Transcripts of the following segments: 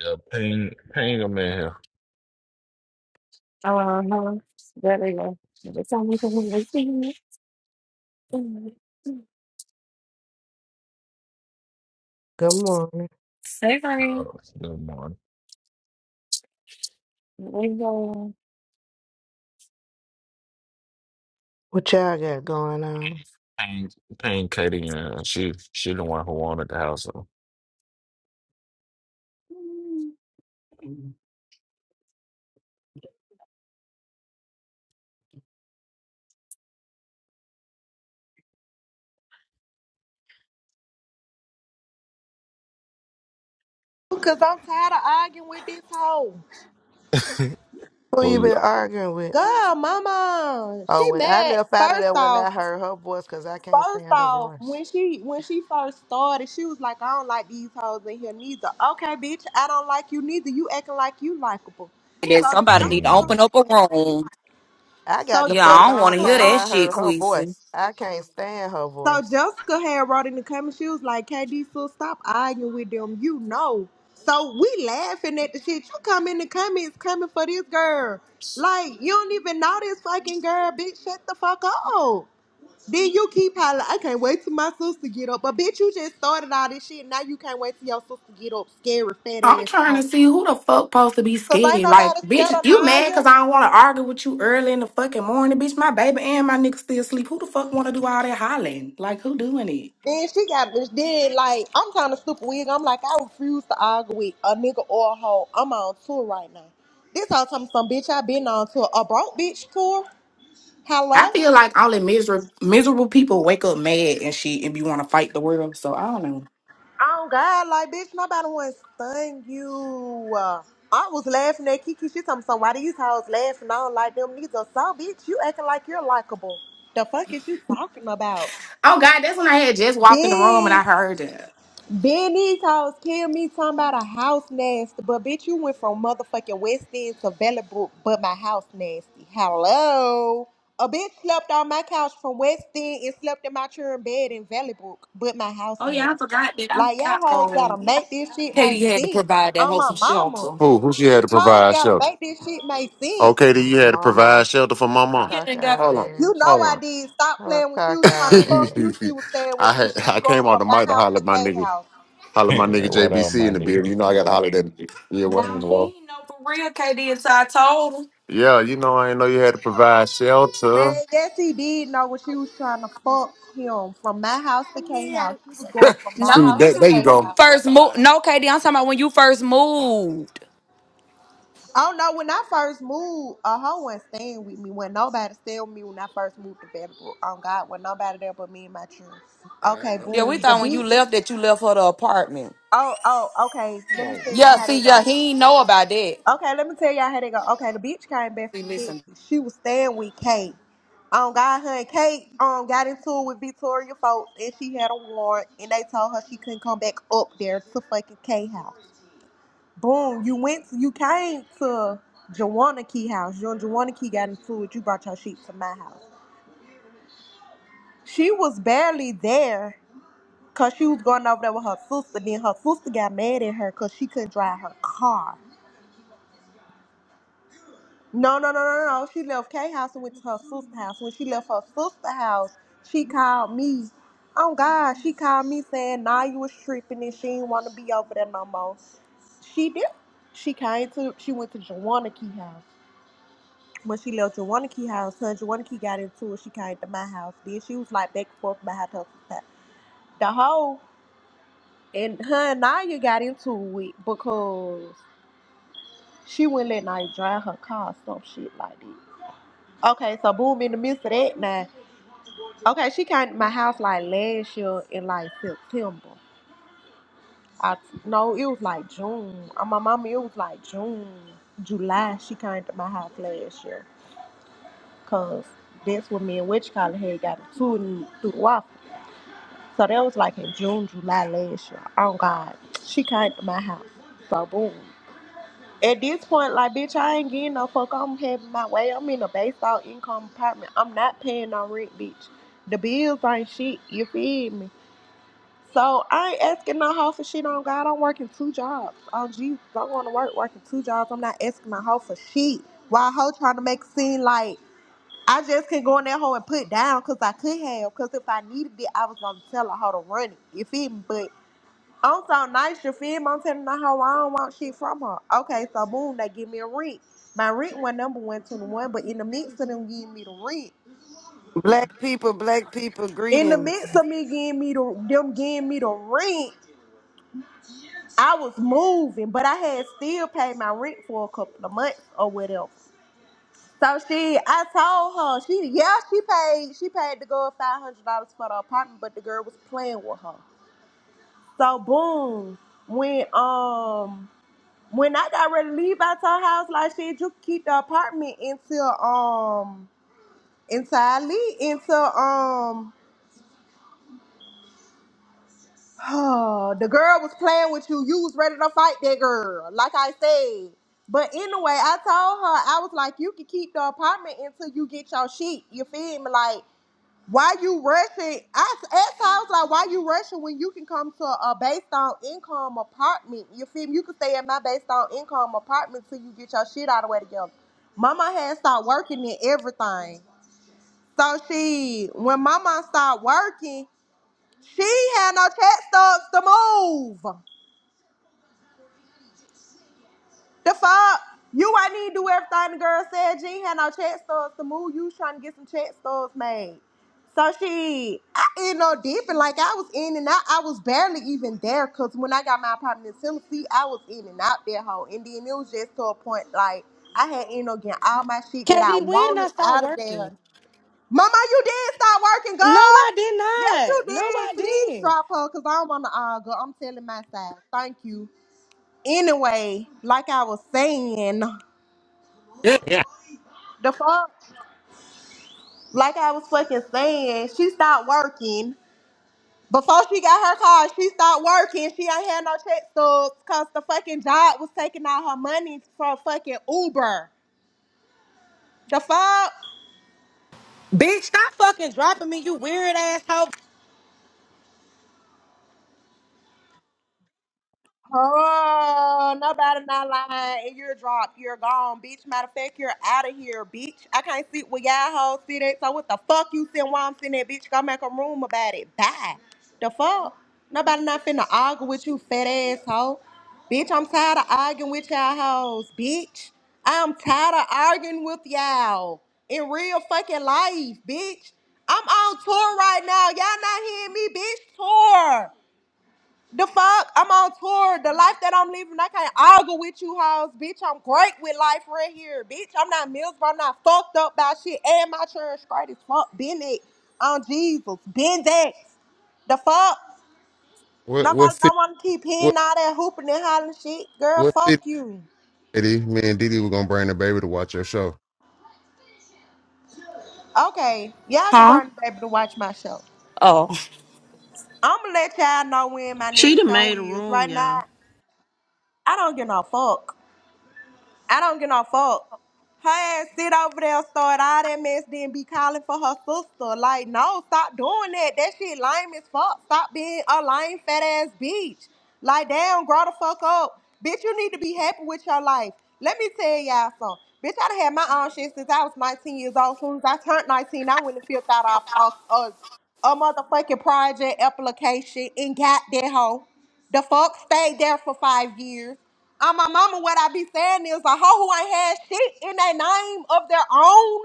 Yeah, ping, ping them in here. Uh-huh. There we go. It's only the one thing. Good morning. Hey, Uh, honey. good morning. There you go. What y'all got going on? Ping, ping Katie in here. She, she the one who wanted the house. So. Cause I'm tired of arguing with this hoe. Who you who you? been arguing with? God, mama, Oh, she when I mad. left out of First there when off, I heard her voice, cause I can't first stand her off, voice. when she when she first started, she was like, I don't like these hoes in here neither. Okay, bitch, I don't like you neither. You acting like you likable. that So somebody need to Hmm. Jessica, open up a room. I got the so Yeah, fuck I don't want on to Jessica, hear time. um, that I shit, heard her Queasy. voice. I can't stand her So voice. Jessica had wrote in the comments, she was like, KD, so stop arguing with them. You know. So we laughing at the shit. You come in the comments coming for this girl. Like, you don't even know this fucking girl, bitch. Shut the fuck up. Then you keep hollering, I can't wait till my sister get up. But bitch, you just started all this shit. Now you can't wait till your sister get up, scary fat I'm ass trying to hoe. see who the fuck supposed to be Cause ain't scared. Like, nobody scared bitch, of you mad Naya. because I don't want to argue with you early in the fucking morning, bitch. My baby and my nigga still sleep. Who the fuck want to do all that hollering? Like, who doing it? Then she got bitch. Then like I'm kind of stupid wig. I'm like I refuse to argue with a nigga or a hoe. I'm on tour right now. This whole time some bitch I been on tour a broke bitch tour. Hello. I feel like only miserable miserable people wake up mad and shit and be want to fight the world. So I don't know. Oh God, like bitch, nobody wants to stung you. Uh, I was laughing at Kiki. She told me something. Why these hoes laughing? I don't like them neither. So bitch, you acting like you're likable. The fuck is you talking about? Oh God, that's when I had just walked in the room and Bitch. I heard that. Benny's house killed me talking about a house nasty, but bitch, you went from motherfucking West End to Bellabrook, but my house nasty. Hello. A bitch slept on my couch from West End and slept in my children's bed in Valley but my house Oh yeah, I nasty. forgot that. I Like, y'all forgot. hoes gotta Um, make this shit make Katie had to sense. provide that On my wholesome mama. shelter. Who? Who she had to Hoes provide gotta shelter? make this shit make sense. Okay, then you had to Mama, provide shelter for my mom. You ain't got. cockeyed Hold on, You know ass. hold I on. did. Stop Her playing when she was trying to cockeyed fuck you. ass. She was staying I with me. had She was I going came out from the mic my to house holler to at my K nigga, house. holler at my nigga what up, JBC my in the nigga? beard. You know I got to holler at that. Yeah, what Nah, one the he wall. ain't know for real, KD. So I told him. Yeah, you know I ain't know you had to provide shelter. Man, yes, he did know when she was trying to fuck him from my house to K house. She was See, going from No, See, my I'm that, house there to talking you K about when you go. house. first moved. No, KD, I'm talking about when you first moved. Oh no, when I first moved, a hoe wasn't staying with me. When nobody stayed with me when I first moved to Vanderbilt. Oh God, when nobody there but me and my children. Okay, Yeah, boom. we The thought when you beat. left that you left for the apartment. Oh, oh, okay. Let me tell y'all Yeah, how see, they yeah, go. he ain't know about that. Okay, let me tell y'all how they go. Okay, the bitch came back See, from listen. Texas. She was staying with Kate. Um, God, her and Kate um got into it with Victoria folks, and she had a warrant, and they told her she couldn't come back up there to fucking K house. Boom, you went, to, you came to Joanna Key house. You and Joanna Key got into it. You brought your shit to my house. She was barely there, cause she was going over there with her sister. Then her sister got mad at her, cause she couldn't drive her car. No, no, no, no, no. no. She left K house and went to her sister house. When she left her sister house, she called me. Oh God, she called me saying nah you was tripping and she didn't want to be over there no more. She did. She came to she went to Joanna Key house. When she left Joanna Key house, her and Joanna Key got into it, she came to my house. Then she was like back and forth about her sister's house. The whole and her and Naya got into it because she wouldn't let Naya drive her car or some shit like that. Okay, so boom in the midst of that now. Okay, she came to my house like last year in like September. I no, it was like June. Uh, My mama, it was like June, July. She came to my house last year, cause that's when me and Witch Collar had got a tour and- through the waffle. So that was like in June, July last year. Oh God, she came to my house. So boom. At this point, like, bitch, I ain't getting no fuck. I'm having my way. I'm in a baseball income apartment. I'm not paying no rent, bitch. The bills ain't shit. You feel me? So I ain't asking no hoe for shit on God. I'm working two jobs. Oh Jesus, I'm going to work working two jobs. I'm not asking my hoe for shit. Why hoe trying to make it seem like I just can go in that hoe and put down because I could have. Because if I needed it, I was gonna tell a hoe to run it. You feel me? But I'm so nice, you feel me? I'm telling her how I don't want shit from her. Okay, so boom, they give me a rent. My rent was number one twenty one, but in the midst of them giving me the rent, Black people, black people, in the greetings. midst of me giving me the them giving me the rent, I was moving, but I had still paid my rent for a couple of months or whatever. So she, I told her, she yeah, she paid, she paid the girl five hundred dollars for the apartment, but the girl was playing with her. So boom, when um When I got ready to leave out your house, like shit, you keep the apartment until um until I leave until um the girl was playing with you. You was ready to fight that girl, like I said. But anyway, I told her I was like, you can keep the apartment until you get your sheet. You feel me? Like Why you rushing? I s- at times like why you rushing when you can come to a based on income apartment. You feel me? You can stay in my based on income apartment till you get your shit out of the way together. Mama had started working in everything. So she when mama started working, she had no chat stubs to move. The fuck? You I need to do everything the girl said. She ain't had no check stubs to move. You was trying to get some check stubs made. So she, I ended up dipping like I was in and out. I was barely even there because when I got my apartment in Tennessee, I was in and out there hoe. And then it was just to a point like I had ended up getting all my shit that I Katie, when wanted I start out of there. working? Mama, you did start working, No, girl. I Yes, you did not. No, I did. Please didn't. drop her because I don't want to argue. I'm telling my side. Thank you anyway, like I was saying, yeah. The fuck? Like I was fucking saying, she stopped working. Before she got her car, she stopped working. She ain't had no check stubs because the fucking job was taking all her money for fucking Uber. The fuck? Bitch, stop fucking dropping me, you weird ass hoe. Oh, nobody not lying. And you're dropped. You're gone, bitch. Matter of fact, you're out of here, bitch. I can't sit with y'all hoes sit at. So what the fuck you sitting while I'm sitting there, bitch? Go make a room about it. Bye. The fuck? Nobody not finna argue with you, fat asshole. Bitch, I'm tired of arguing with y'all hoes, bitch. I'm tired of arguing with y'all in real fucking life, bitch. I'm on tour right now. Y'all not hearing me, bitch? Tour. The fuck? I'm on tour. The life that I'm living, I can't argue with you hoes. Bitch, I'm great with life right here. Bitch, I'm not miserable. I'm not fucked up by shit. And my church straight as fuck. Been it. On Jesus. Been that. The fuck? What what Nobody city? don't want to keep What hearing all that hooping and hollering shit. Girl, what fuck city? you. Diddy? Me and Didi were gonna bring the baby to watch your show. Okay. Y'all can Huh? burn the baby to watch my show. Oh. I'm going to let y'all know when my She next done show made a is. room, Right y'all. now, I don't give no fuck. I don't get no fuck. Her ass sit over there, start all that mess, then be calling for her sister. Like, no, stop doing that. That shit lame as fuck. Stop being a lame fat ass bitch. Like, damn, grow the fuck up. Bitch, you need to be happy with your life. Let me tell y'all something. Bitch, I done had my own shit since I was 19 years old. As soon as I turned 19, I went and filled out a, a, a, a motherfucking project application and got that hoe. The fuck stayed there for five years on my mama, what I be saying is a hoe who ain't had shit in their name of their own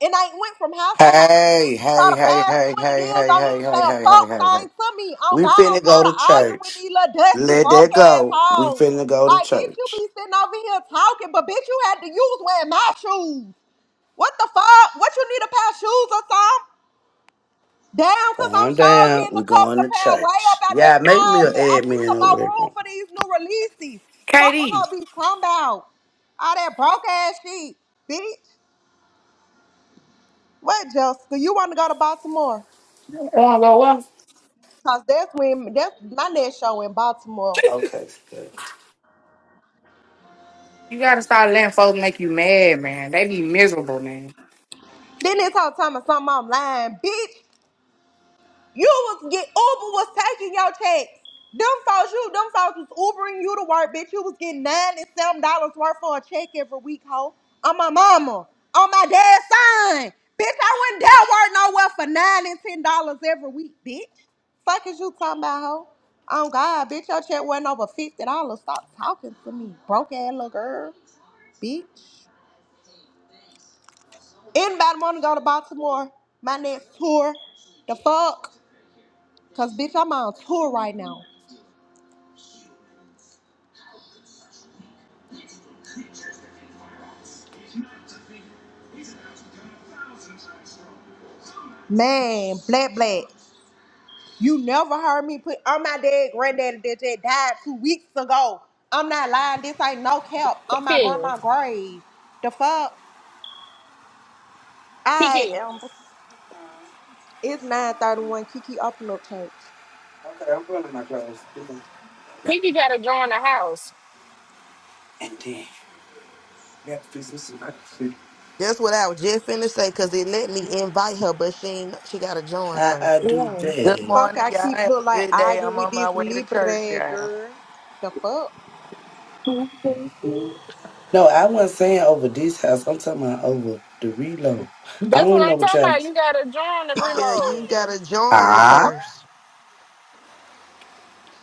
and ain't went from house to house Hey, for hey, the hey, past hey, 20 hey, years hey, don't need hey, to hey, say a hey, hey, fuck hey, thing hey. to me. On We God, I'm finna go tired to of arguing with church. these little dusty Let broke that ass go. We hoes. finna go to Like, bitch, you church. be sitting over here talking, but bitch, you had to use wearing my shoes. What the fuck? What you need a pair of shoes or something? Damn, cause I'm Calm sure down. getting a We couple going of to pounds way up church. out that Yeah, make me an closet. I need admin some over more there. room for these new releases. Fuck, I'm KD, gonna be talking about all that broke ass shit, bitch. What, Jessica? You want to go to Baltimore? Oh, go well. Cause that's when that's my next show in Baltimore. Okay, good. You gotta start letting folks make you mad, man. They be miserable, man. Then this whole time of something I'm lying, bitch. You was get Uber was taking your checks. Them folks, you them folks was Ubering you to work, bitch. You was getting nine and seven dollars worth for a check every week, ho. On my mama, on my dad's son, bitch. I wouldn't dare work nowhere for nine and ten dollars every week, bitch. Fuck is you talking about, ho? Oh God, bitch, your check wasn't over fifty dollars. Stop talking to me, broke ass little girl, bitch. Anybody want to go to Baltimore? My next tour, the fuck? Cause bitch, I'm on tour right now. Man, black, black. You never heard me put on my dead granddaddy that just died two weeks ago. I'm not lying. This ain't no cap on my Kiki, grandma grave. The fuck? I Kiki, am. It's 931 Kiki Open Up Church. Okay, I'm putting on my clothes. You can- Kiki gotta join the house. And then I gotta fix this some house. That's what I was just finna say, cause it let me invite her, but she ain't, she gotta join How I first. do Yeah. Good that? Fuck, morning, I y'all. keep Have look a like good day. arguing I'm with on my this way to church, Libre y'all. girl. The fuck? No, I wasn't saying over this house. I'm talking about over the reload. I That's what don't I'm know what talking y'all. about. You gotta join the Yeah, reload. you gotta join it Huh? first.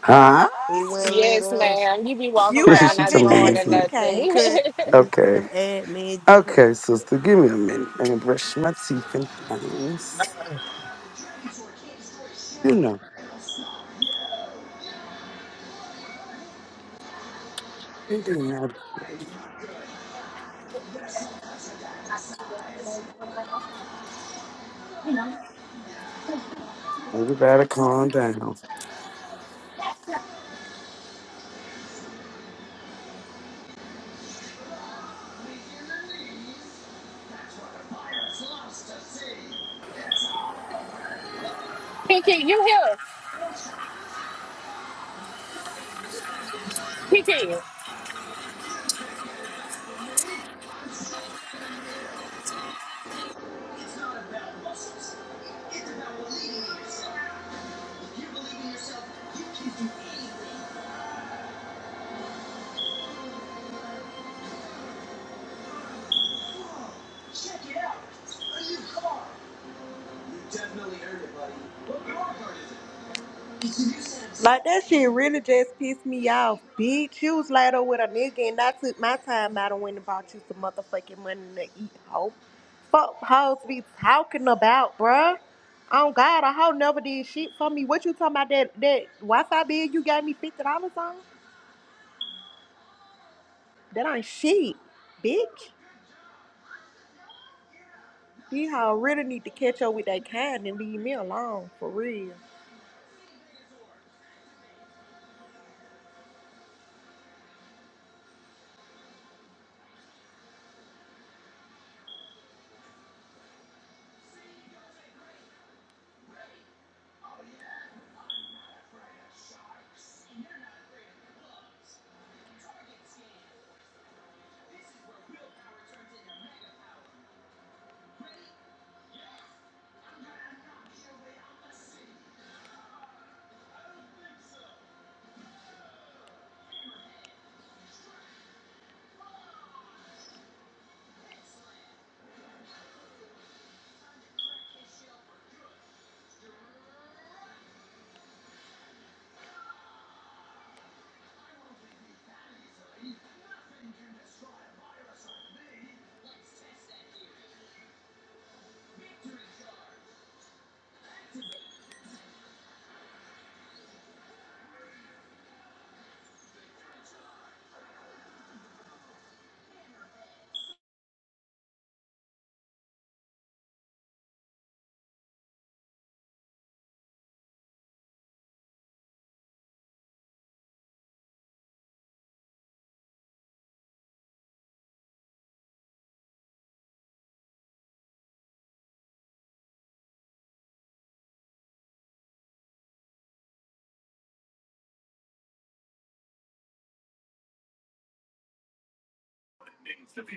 Huh? We wouldn't let Yes, us. ma'am. You be walking You around have a She's not good somebody, day, joining isn't it? We 2K. nothing. could. We Okay. couldn't add me and you. Okay, sister, give me a minute. Let Mm. me brush my teeth and things. You know, it didn't matter. Everybody calm down. Kiki, you here. Kiki. Like that shit really just pissed me off, bitch. You was laid up with a nigga and I took my time out and went and bought you some motherfucking money to eat hoe. Fuck hoes be talking about, bruh. Oh God, a hoe never did shit for me. What you talking about that that Wi-Fi bill you gave me fifty dollars on? That ain't shit, bitch. These hoe really need to catch up with that kind and leave me alone for real.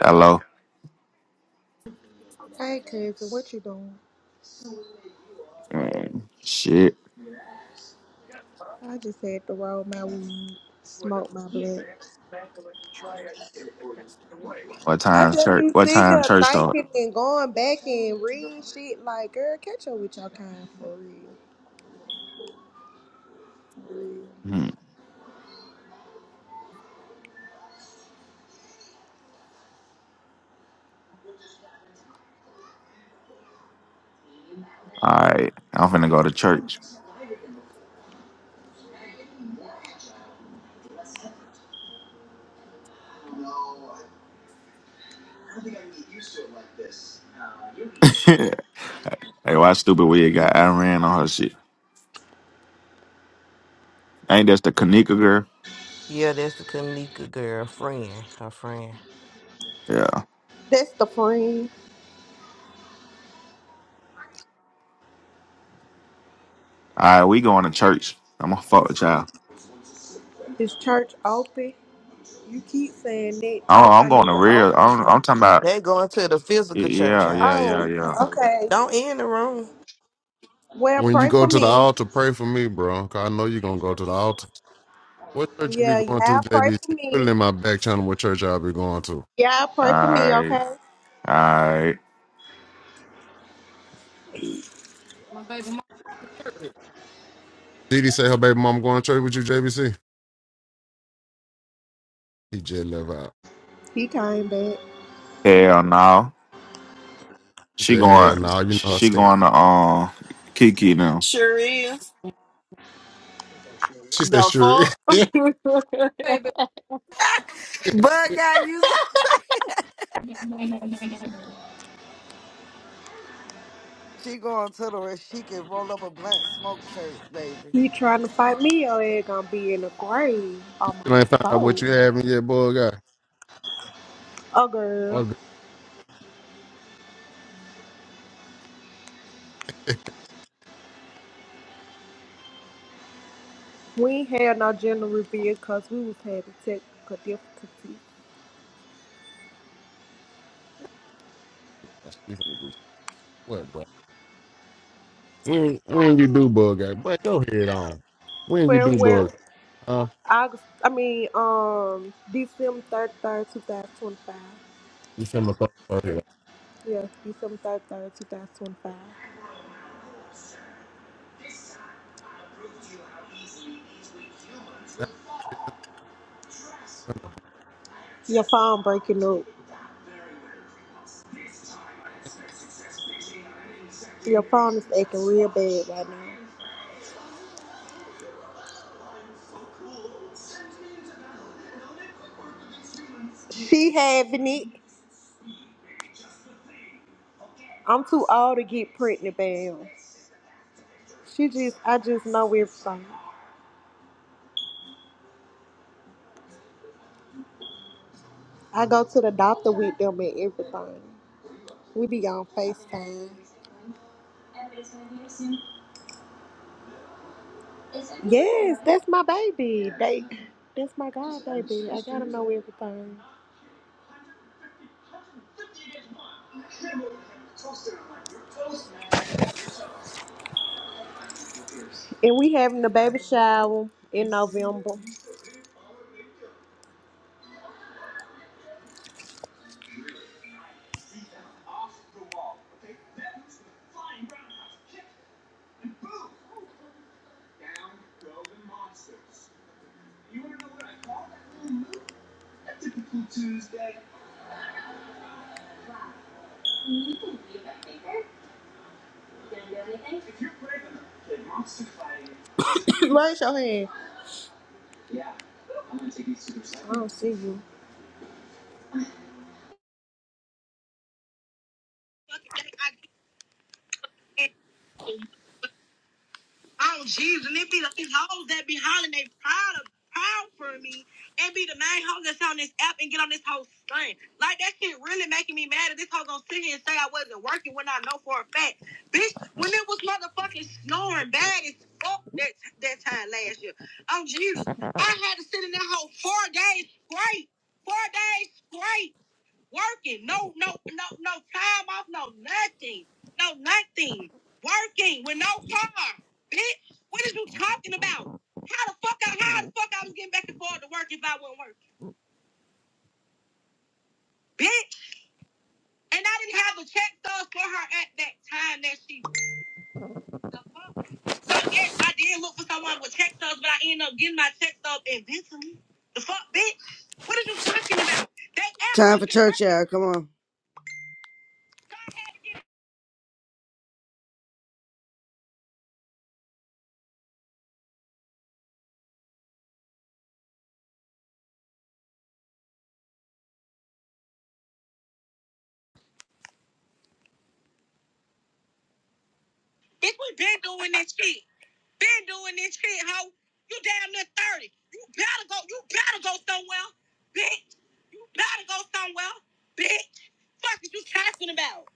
Hello. Hey cousin, what you doing? Mm, shit. I just had to roll my weed, smoke my blunt. What I time just be church? What sitting time here church start? thinking and going back and reading shit like, girl, catch up with your kind for real. for real. Hmm. All right. I'm finna go to church. hey, why stupid weird got Iran on her shit? Ain't that's the Kanika girl? Yeah, that's the Kanika girl friend, her friend. Yeah. That's the friend. All right, we going to church. I'm gonna fuck with y'all. Is church open? You keep saying that Oh, church I'm ain't going even to real. open I'm, I'm yet. talking about. They going to the physical church Yeah, yeah, yeah, house. yeah. Oh, yeah. okay. Don't end the room. Well, When you pray go for to the me. altar, pray for me, bro. 'cause I know you're gonna go to the altar. What church you Yeah, be going to, yeah, pray for JBC? Put it me. in my back channel. What church I'll be going to? Yeah, pray for me, Alright, okay? alright. My baby mom. Didi say her baby mom going to church with you, JBC. He just left out. He came back. Hell no. He She said, "Hell going no, you know her she saying." going to um Kiki now. Sure is. She said, The "Sure." fuck? Baby. Bug out, you so She going to the where she can roll up a blunt smoke church, baby. He trying to fight me, your ass gonna be in the grave. Oh my Still ain't found out what soul. you having yet, boy. Guy. Oh girl. Oh, girl, We ain't had no general review because we was having technical difficulties. she finna do What, bro? When when you do bug out, but go ahead on. When you Where do where bug, huh? August I mean um December third third two thousand twenty five. You send my phone. Yeah, December third third two thousand twenty five. Your phone breaking up. Your phone is acting real bad right now. She having it. I'm too old to get pregnant, bam. She just I just know everything. I go to the doctor with them and everything. We be on FaceTime. Yes, that's my baby. They, that's my god baby. I gotta know everything. And we having the baby shower in November. Raise your hand. I don't see you. Oh Jesus, and it be like these hoes that be hollering they proud of proud for me. and be the main hoes that's on this app and get on this whole thing. Like that shit really making me mad If this hoe gonna sit here and say I wasn't working when I know for a fact. Bitch, when it was motherfucking snoring bad as fuck that that time last year. Oh Jesus. I had to sit in that hole four days straight. Four days straight. working. No, no, no, no time off, no nothing. No nothing. Working with no car. Bitch, what is you talking about? How the fuck I how the fuck I was getting back and forth to work if I wasn't working? Bitch. And I didn't have a check stubs for her at that time that she the fuck? So yes, I did look for someone with check stubs, but I ended up getting my check stub eventually. The fuck, bitch? What are you talking about? They asked Time me for me to church, y'all. Come on. Bitch, we been doing that shit. Been doing this shit, hoe. You damn near 30. You better go, you better go somewhere, bitch. You better go somewhere, bitch. Fuck is you talking about?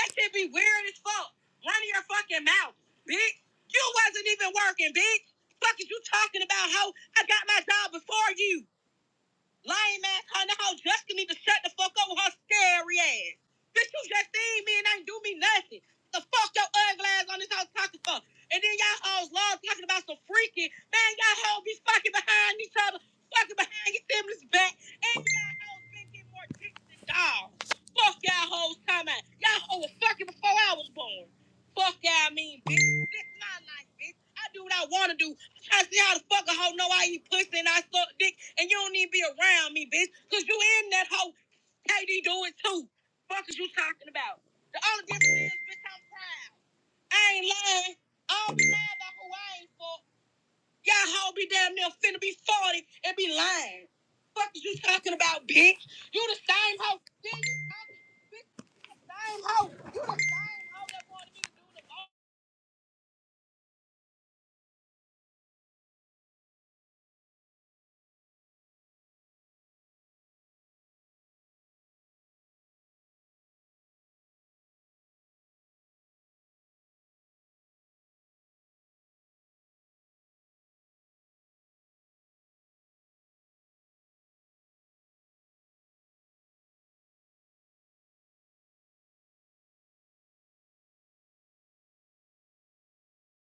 That shit be weird as fuck. Run your fucking mouth, bitch. You wasn't even working, bitch. Fuck is you talking about, hoe? I got my job before you. Lame ass her in the house. Jessica need to shut the fuck up with her scary ass. Bitch, you just seen me and ain't do me nothing. The fuck your ugly ass on this house talking for? And then y'all hoes love talking about some freaking. Man, y'all hoes be fucking behind each other, fucking behind your siblings' back. And y'all hoes been getting more dicks than dogs. Fuck y'all hoes time out. Y'all hoes was fucking before I was born. Fuck y'all mean, bitch. This is my life, bitch. I do what I want to do. I see how the fuck a hoe know I eat pussy and I suck dick and you don't need to be around me, bitch. Cause you in that hoe. KD do it too. Fuck is you talking about? The only difference is, bitch, I'm proud. I ain't lying. I don't be lying about who I ain't for. Y'all hoe be damn near finna be 40 and be lying. Fuck is you talking about, bitch? You the same hoe. Then you talking, bitch, the same hoe. You the same hoe that wanted me to do the most.